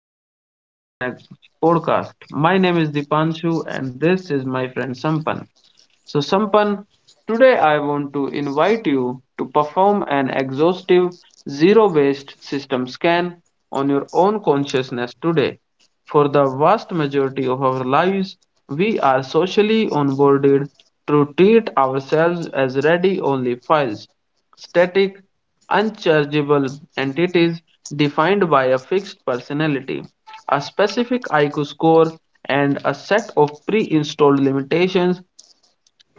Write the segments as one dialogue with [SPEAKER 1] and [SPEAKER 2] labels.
[SPEAKER 1] welcome to our next podcast. My name is Dipanshu, and this is my friend Sampan. So, Sampan, today I want to invite you to perform an exhaustive zero based system scan on your own consciousness today. For the vast majority of our lives, we are socially onboarded to treat ourselves as ready only files, static, unchargeable entities defined by a fixed personality, a specific IQ score, and a set of pre installed limitations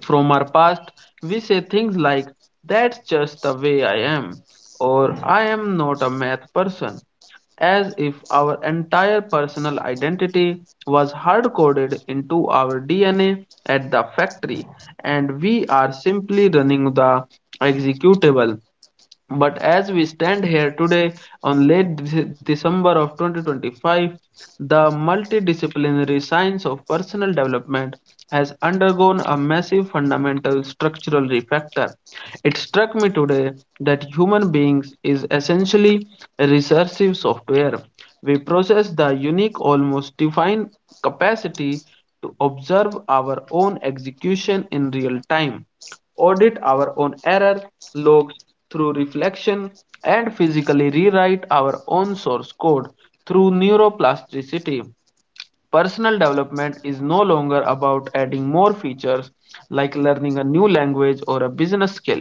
[SPEAKER 1] from our past, we say things like, that's just the way I am, or I am not a math person, as if our entire personal identity was hard coded into our DNA at the factory and we are simply running the executable. But as we stand here today on late December of 2025, the multidisciplinary science of personal development has undergone a massive fundamental structural refactor. It struck me today that human beings is essentially a recursive software. We possess the unique, almost divine capacity to observe our own execution in real time, audit our own error logs through reflection, and physically rewrite our own source code through neuroplasticity. Personal development is no longer about adding more features like learning a new language or a business skill.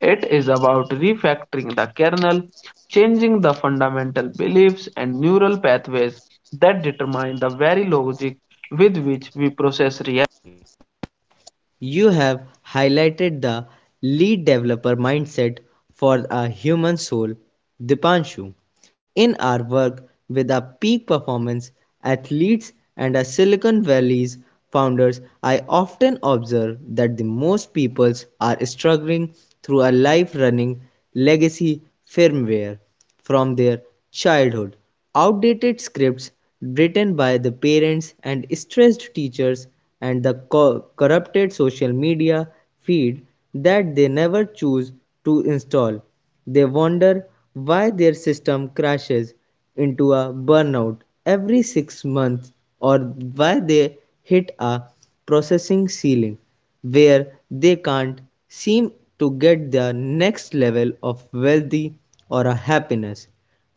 [SPEAKER 1] It is about refactoring the kernel, changing the fundamental beliefs and neural pathways that determine the very logic with which we process reality.
[SPEAKER 2] You have highlighted the lead developer mindset for a human soul, Dipanshu. In our work with our peak performance athletes and our Silicon Valley's founders, I often observe that the most people are struggling through a life running legacy firmware from their childhood. Outdated scripts written by the parents and stressed teachers and the corrupted social media feed that they never choose to install. They wonder why their system crashes into a burnout every 6 months or why they hit a processing ceiling where they can't seem to get their next level of wealthy or a happiness.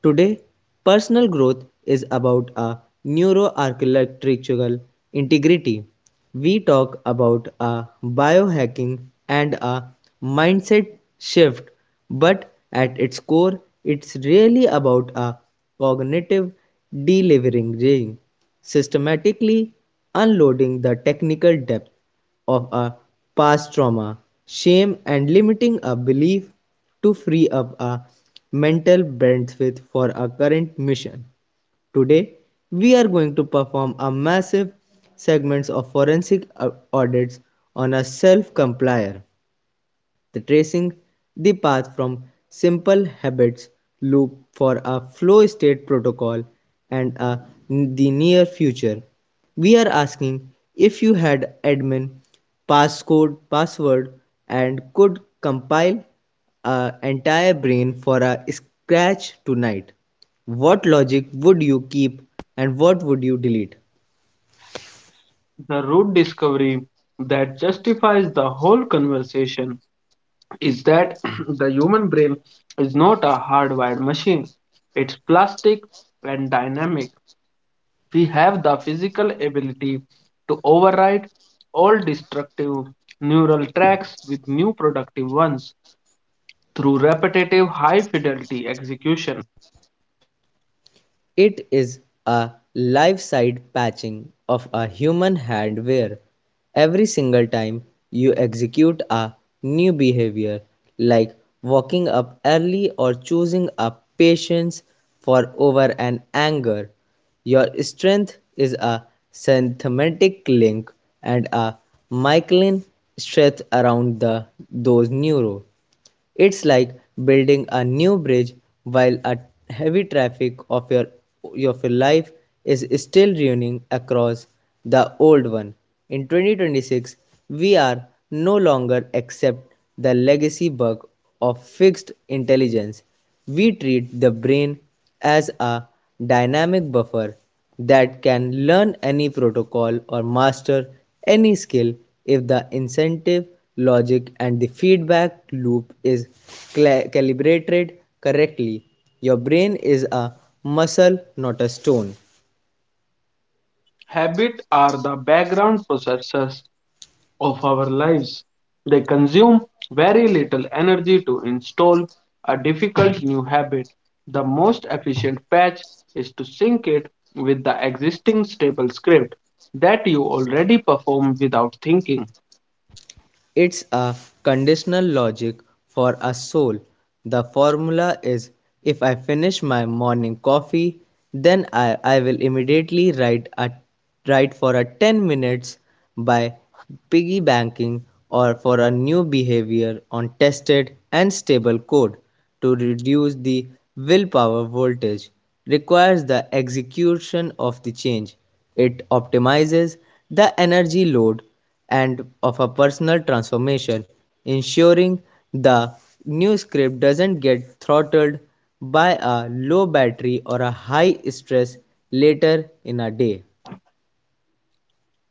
[SPEAKER 2] Today, personal growth is about a neuroarchitectural integrity. We talk about a biohacking and a mindset shift, but at its core, it's really about a cognitive deleveraging, systematically unloading the technical depth of a past trauma, shame, and limiting a belief to free up a mental bandwidth for a current mission. Today, we are going to perform a massive segments of forensic audits on a self-complier the tracing the path from simple habits loop for a flow state protocol and a, the near future. We are asking if you had admin passcode password and could compile a entire brain for a scratch tonight. What logic would you keep and what would you delete?
[SPEAKER 1] The root discovery that justifies the whole conversation is that the human brain is not a hardwired machine. It's plastic and dynamic. We have the physical ability to override all destructive neural tracks with new productive ones through repetitive high fidelity execution.
[SPEAKER 2] It is a live-side patching of a human hand where, every single time, you execute a new behavior, like waking up early or choosing a patience for over an anger, your strength is a synthetic link and a myelin strength around the, those neurons. It's like building a new bridge while a heavy traffic of your life is still running across the old one. In 2026, we are no longer accept the legacy bug of fixed intelligence. We treat the brain as a dynamic buffer that can learn any protocol or master any skill if the incentive logic and the feedback loop is calibrated correctly. Your brain is a muscle.
[SPEAKER 1] Habits are the background processors of our lives. They consume very little energy to install a difficult new habit. The most efficient patch is to sync it with the existing stable script that you already perform without thinking.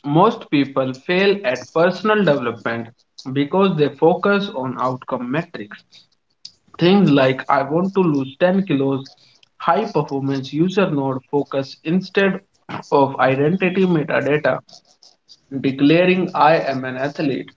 [SPEAKER 1] Most people fail at personal development because they focus on outcome metrics. Things like I want to lose 10 kilos, high performance user node focus instead of identity metadata declaring I am an athlete.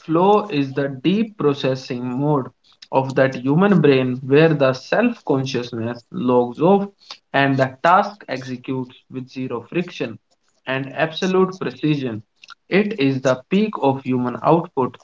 [SPEAKER 1] Flow is the deep processing mode of that human brain where the self consciousness logs off and the task executes with zero friction and absolute precision. It is the peak of human output.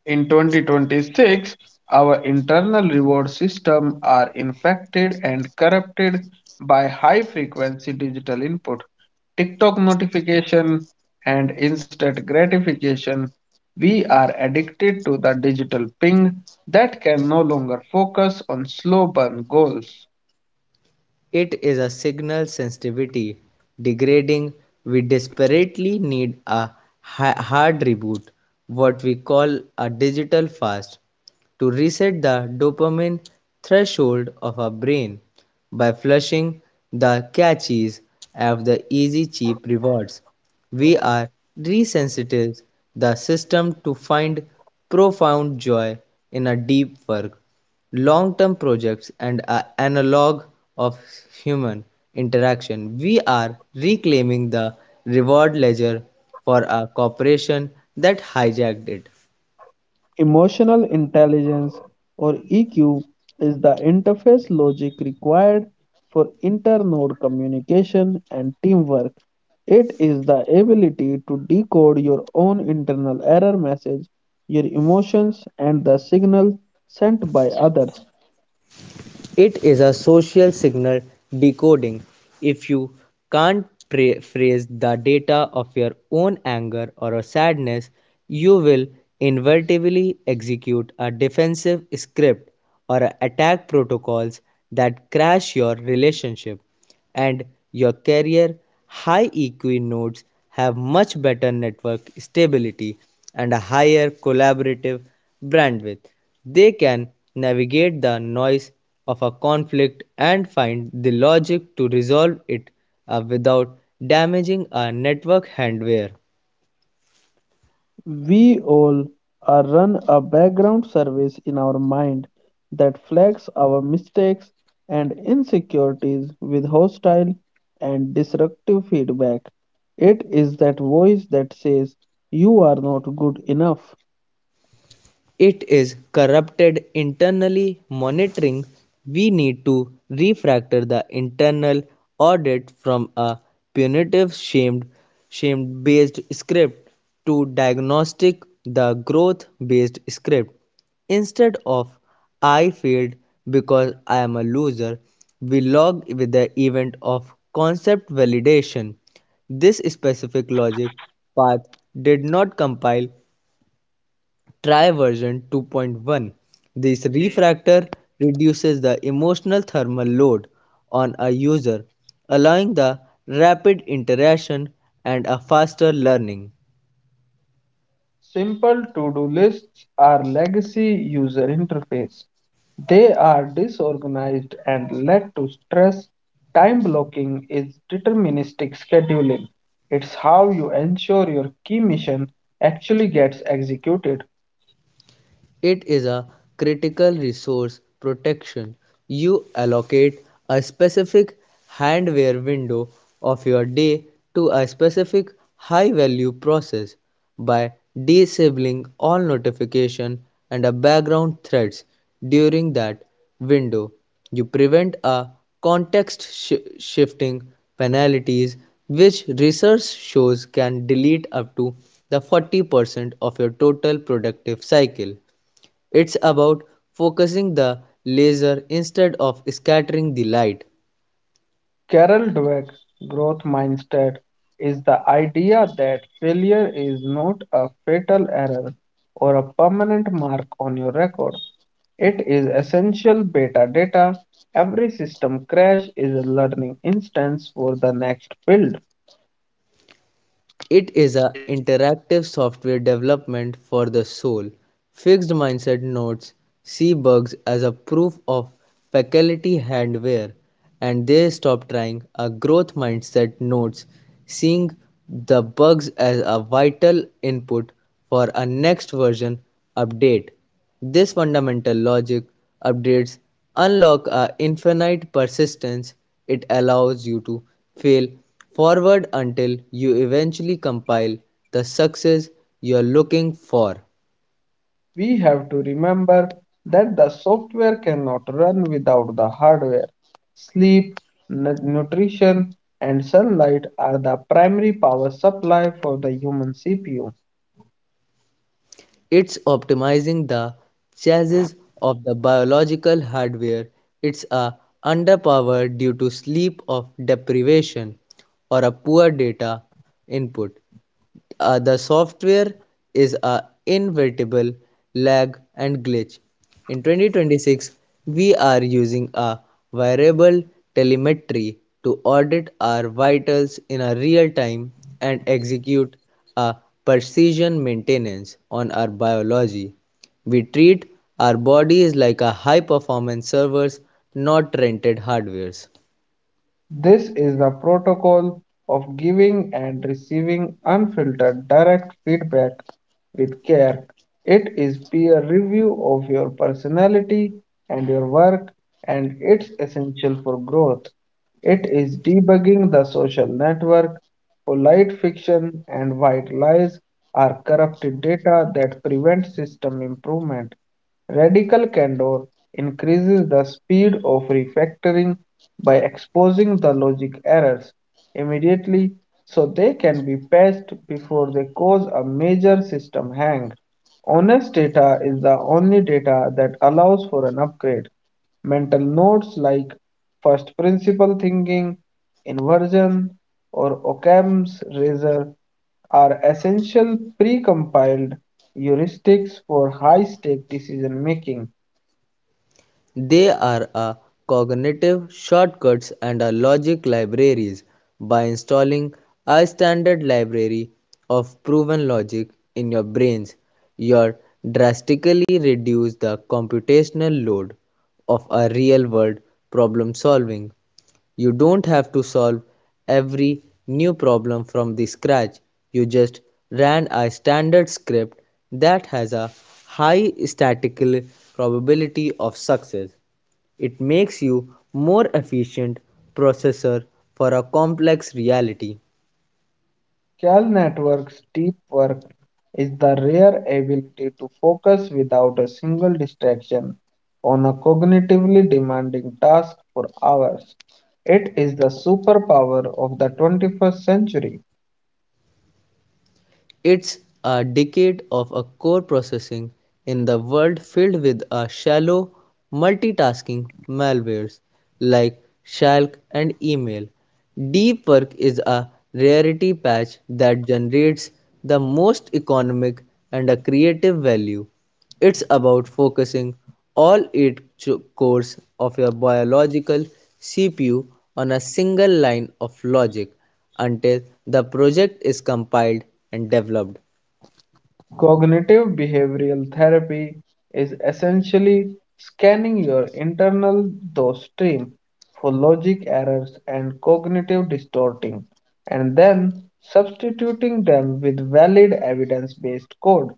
[SPEAKER 1] In 2026, our internal reward system are infected and corrupted by high frequency digital input, TikTok notification, and instant gratification. We are addicted to the digital ping that can no longer focus on slow burn goals. Emotional intelligence or EQ is the interface logic required for internode communication and teamwork. It is the ability to decode your own internal error message, your emotions, and the signals sent by others. We all are run a background service in our mind that flags our mistakes and insecurities with hostile and disruptive feedback. It is that voice that says you are not good enough. Simple to-do lists are legacy user interface. They are disorganized and lead to stress. Time blocking is deterministic scheduling. It's how you ensure your key mission actually gets executed. Carol Dweck growth mindset is the idea that failure is not a fatal error or a permanent mark on your record. It is essential beta data. Every system crash is a learning instance for the next build. We have to remember that the software cannot run without the hardware. Sleep, nutrition, and sunlight are the primary power supply for the human CPU. This is the protocol of giving and receiving unfiltered direct feedback with care. It is peer review of your personality and your work, and it's essential for growth. It is debugging the social network. Polite fiction and white lies are corrupted data that prevent system improvement. Radical candor increases the speed of refactoring by exposing the logic errors immediately so they can be patched before they cause a major system hang. Honest data is the only data that allows for an upgrade. Mental notes like first principle thinking, inversion, or Occam's razor are essential precompiled heuristics for high-stake decision making. Cal Network's deep work is the rare ability to focus without a single distraction on a cognitively demanding task for hours. It is the superpower of the 21st century. Cognitive behavioral therapy is essentially scanning your internal thought stream for logic errors and cognitive distorting, and then substituting them with valid evidence based code.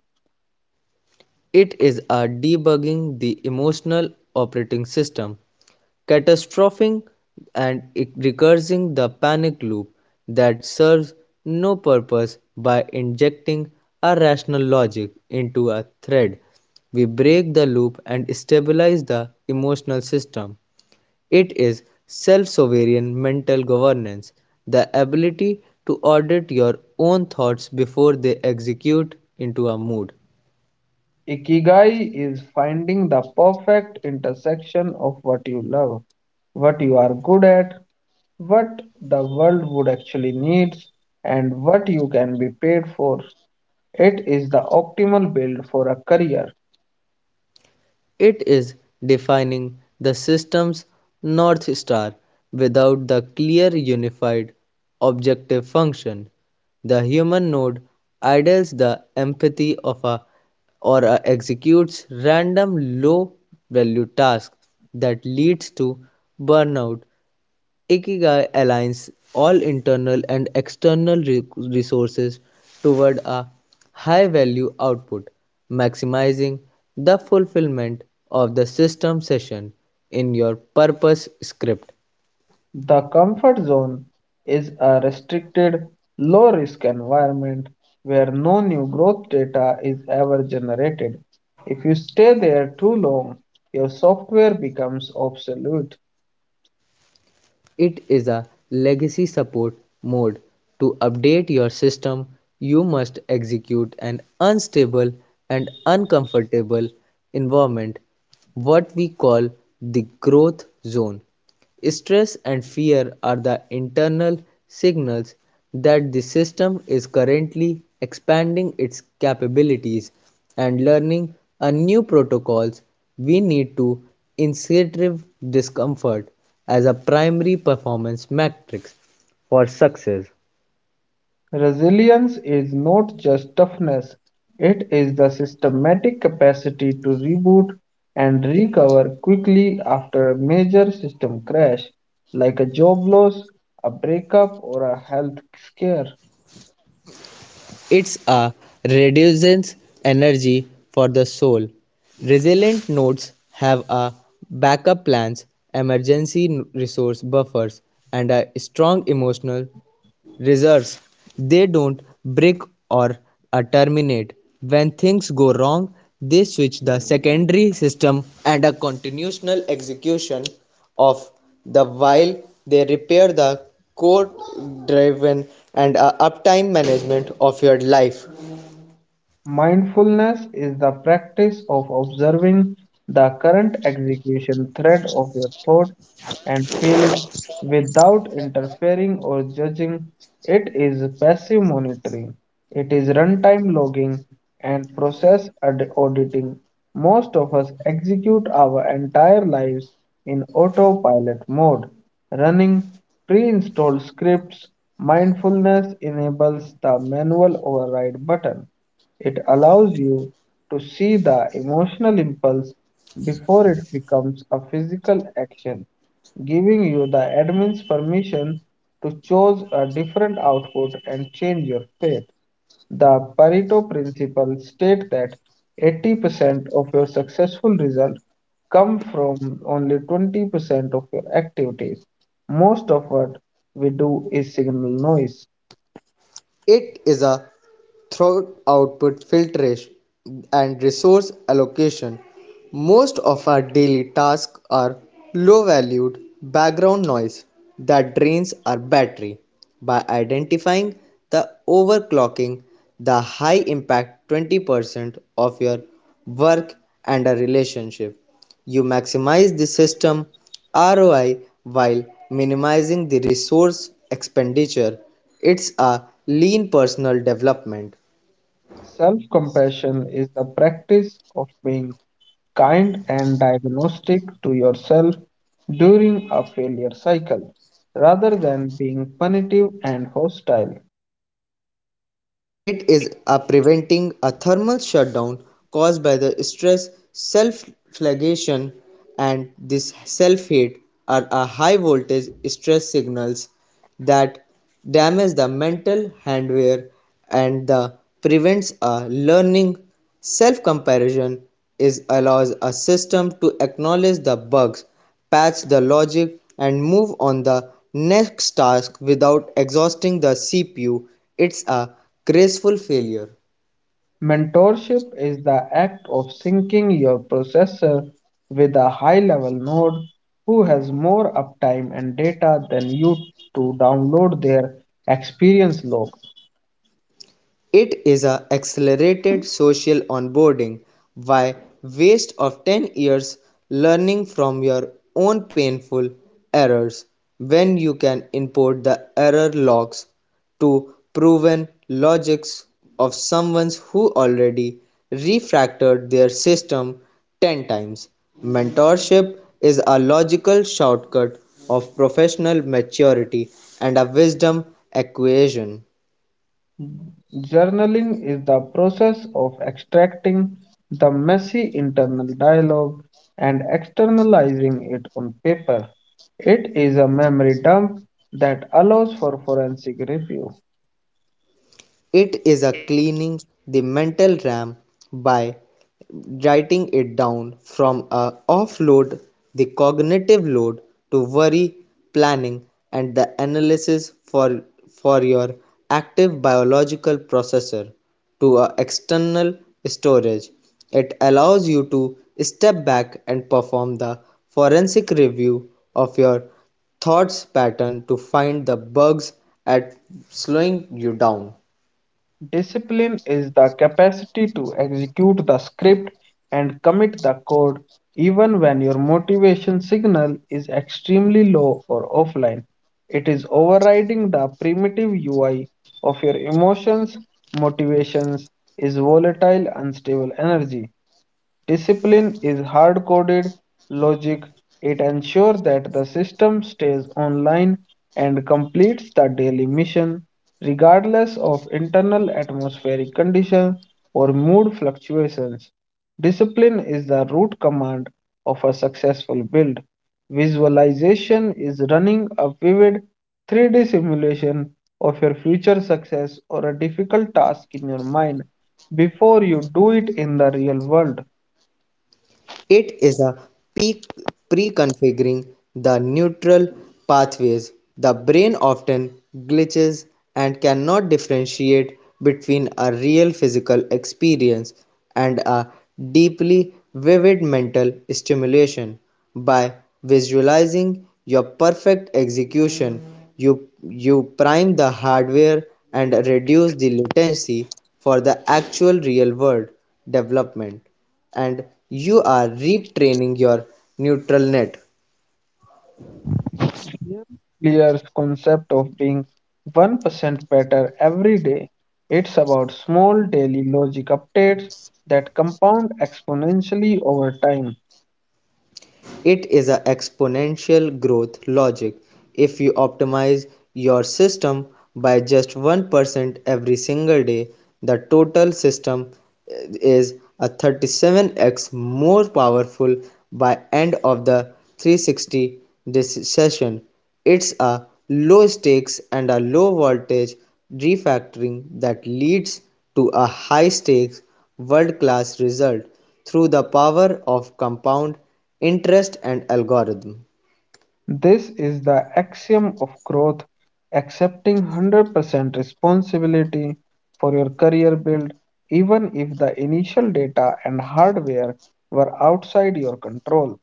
[SPEAKER 1] Ikigai is finding the perfect intersection of what you love, what you are good at, what the world would actually needs, and what you can be paid for. It is the optimal build for a career. The comfort zone is a restricted, low risk environment where no new growth data is ever generated. If you stay there too long, your software becomes obsolete. Resilience is not just toughness, it is the systematic capacity to reboot and recover quickly after a major system crash, like a job loss, a breakup, or a health scare. Mindfulness is the practice of observing the current execution thread of your thought and feeling without interfering or judging. It is passive monitoring. It is runtime logging and process auditing. Most of us execute our entire lives in autopilot mode, running pre installed scripts. Mindfulness enables the manual override button. It allows you to see the emotional impulse before it becomes a physical action, giving you the admin's permission to choose a different output and change your fate. The Pareto principle states that 80% of your successful results come from only 20% of your activities. Most of what we do is signal noise. Self compassion is the practice of being kind and diagnostic to yourself during a failure cycle rather than being punitive and hostile. Mentorship is the act of syncing your processor with a high level node who has more uptime and data than you to download their experience log. Journaling is the process of extracting the messy internal dialogue and externalizing it on paper. It is a memory dump that allows for forensic review. Discipline is the capacity to execute the script and commit the code even when your motivation signal is extremely low or offline. It is overriding the primitive UI of your emotions. Motivations is volatile, unstable energy. Discipline is hard-coded logic. It ensures that the system stays online and completes the daily mission, regardless of internal atmospheric conditions or mood fluctuations. Discipline is the root command of a successful build. Visualization is running a vivid 3D simulation of your future success or a difficult task in your mind before you do it in the real world. Clear's concept of being 1% better every day. It's about small daily logic updates that compound exponentially over time. This is the axiom of growth accepting 100% responsibility for your career build, even if the initial data and hardware were outside your control.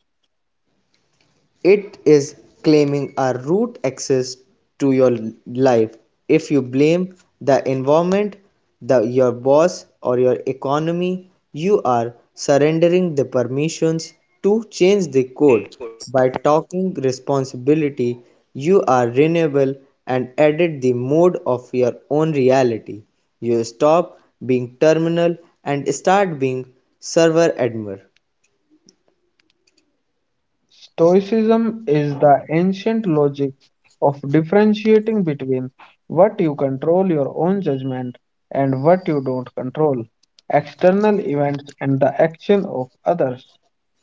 [SPEAKER 1] Stoicism is the ancient logic of differentiating between what you control your own judgment and what you don't control, external events and the action of others.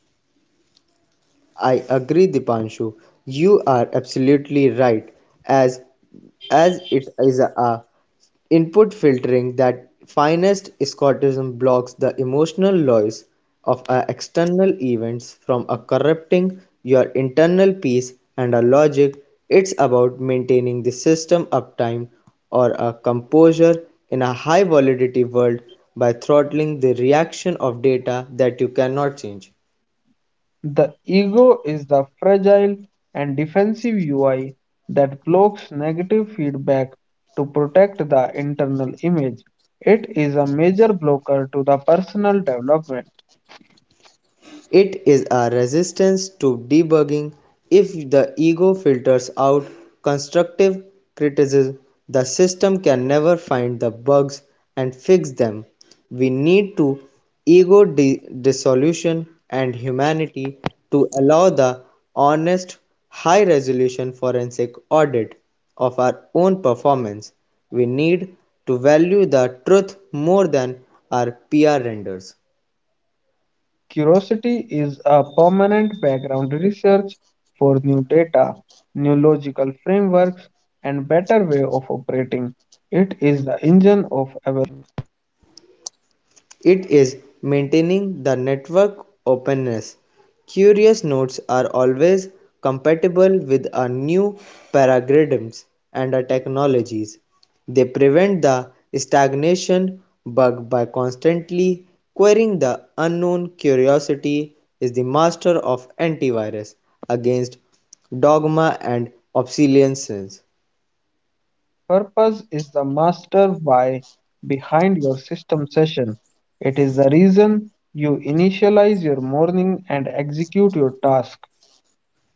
[SPEAKER 1] The ego is the fragile and defensive UI that blocks negative feedback to protect the internal image. It is a major blocker to the personal development. Curiosity is a permanent background research for new data, new logical frameworks, and better way of operating. It is the engine of evolution. Purpose is the master why behind your system session. It is the reason you initialize your morning and execute your task.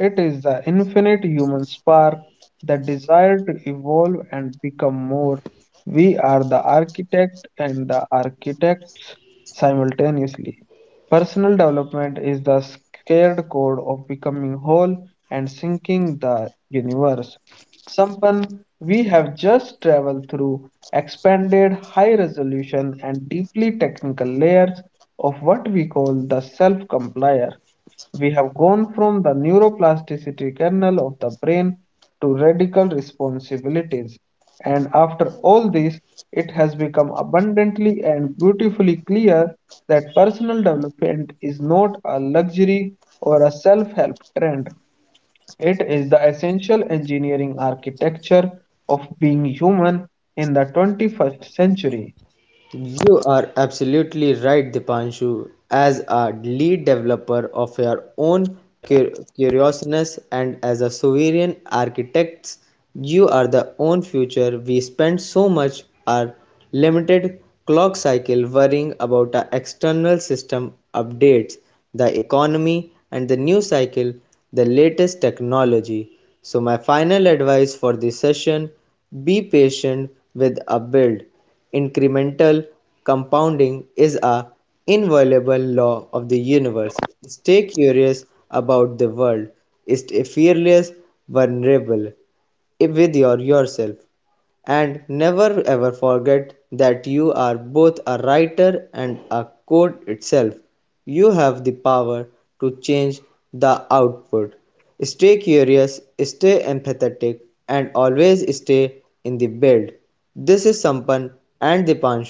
[SPEAKER 1] It is the infinite human spark, the desire to evolve and become more. We are the architect and the architects simultaneously. Personal development is the scared code of becoming whole and sinking the universe. Sampan, we have just traveled through expanded high resolution and deeply technical layers of what we call the self complier. We have gone from the neuroplasticity kernel of the brain to radical responsibilities. And after all this, it has become abundantly and beautifully clear that personal development is not a luxury or a self help trend. It is the essential engineering architecture of being human in the 21st century.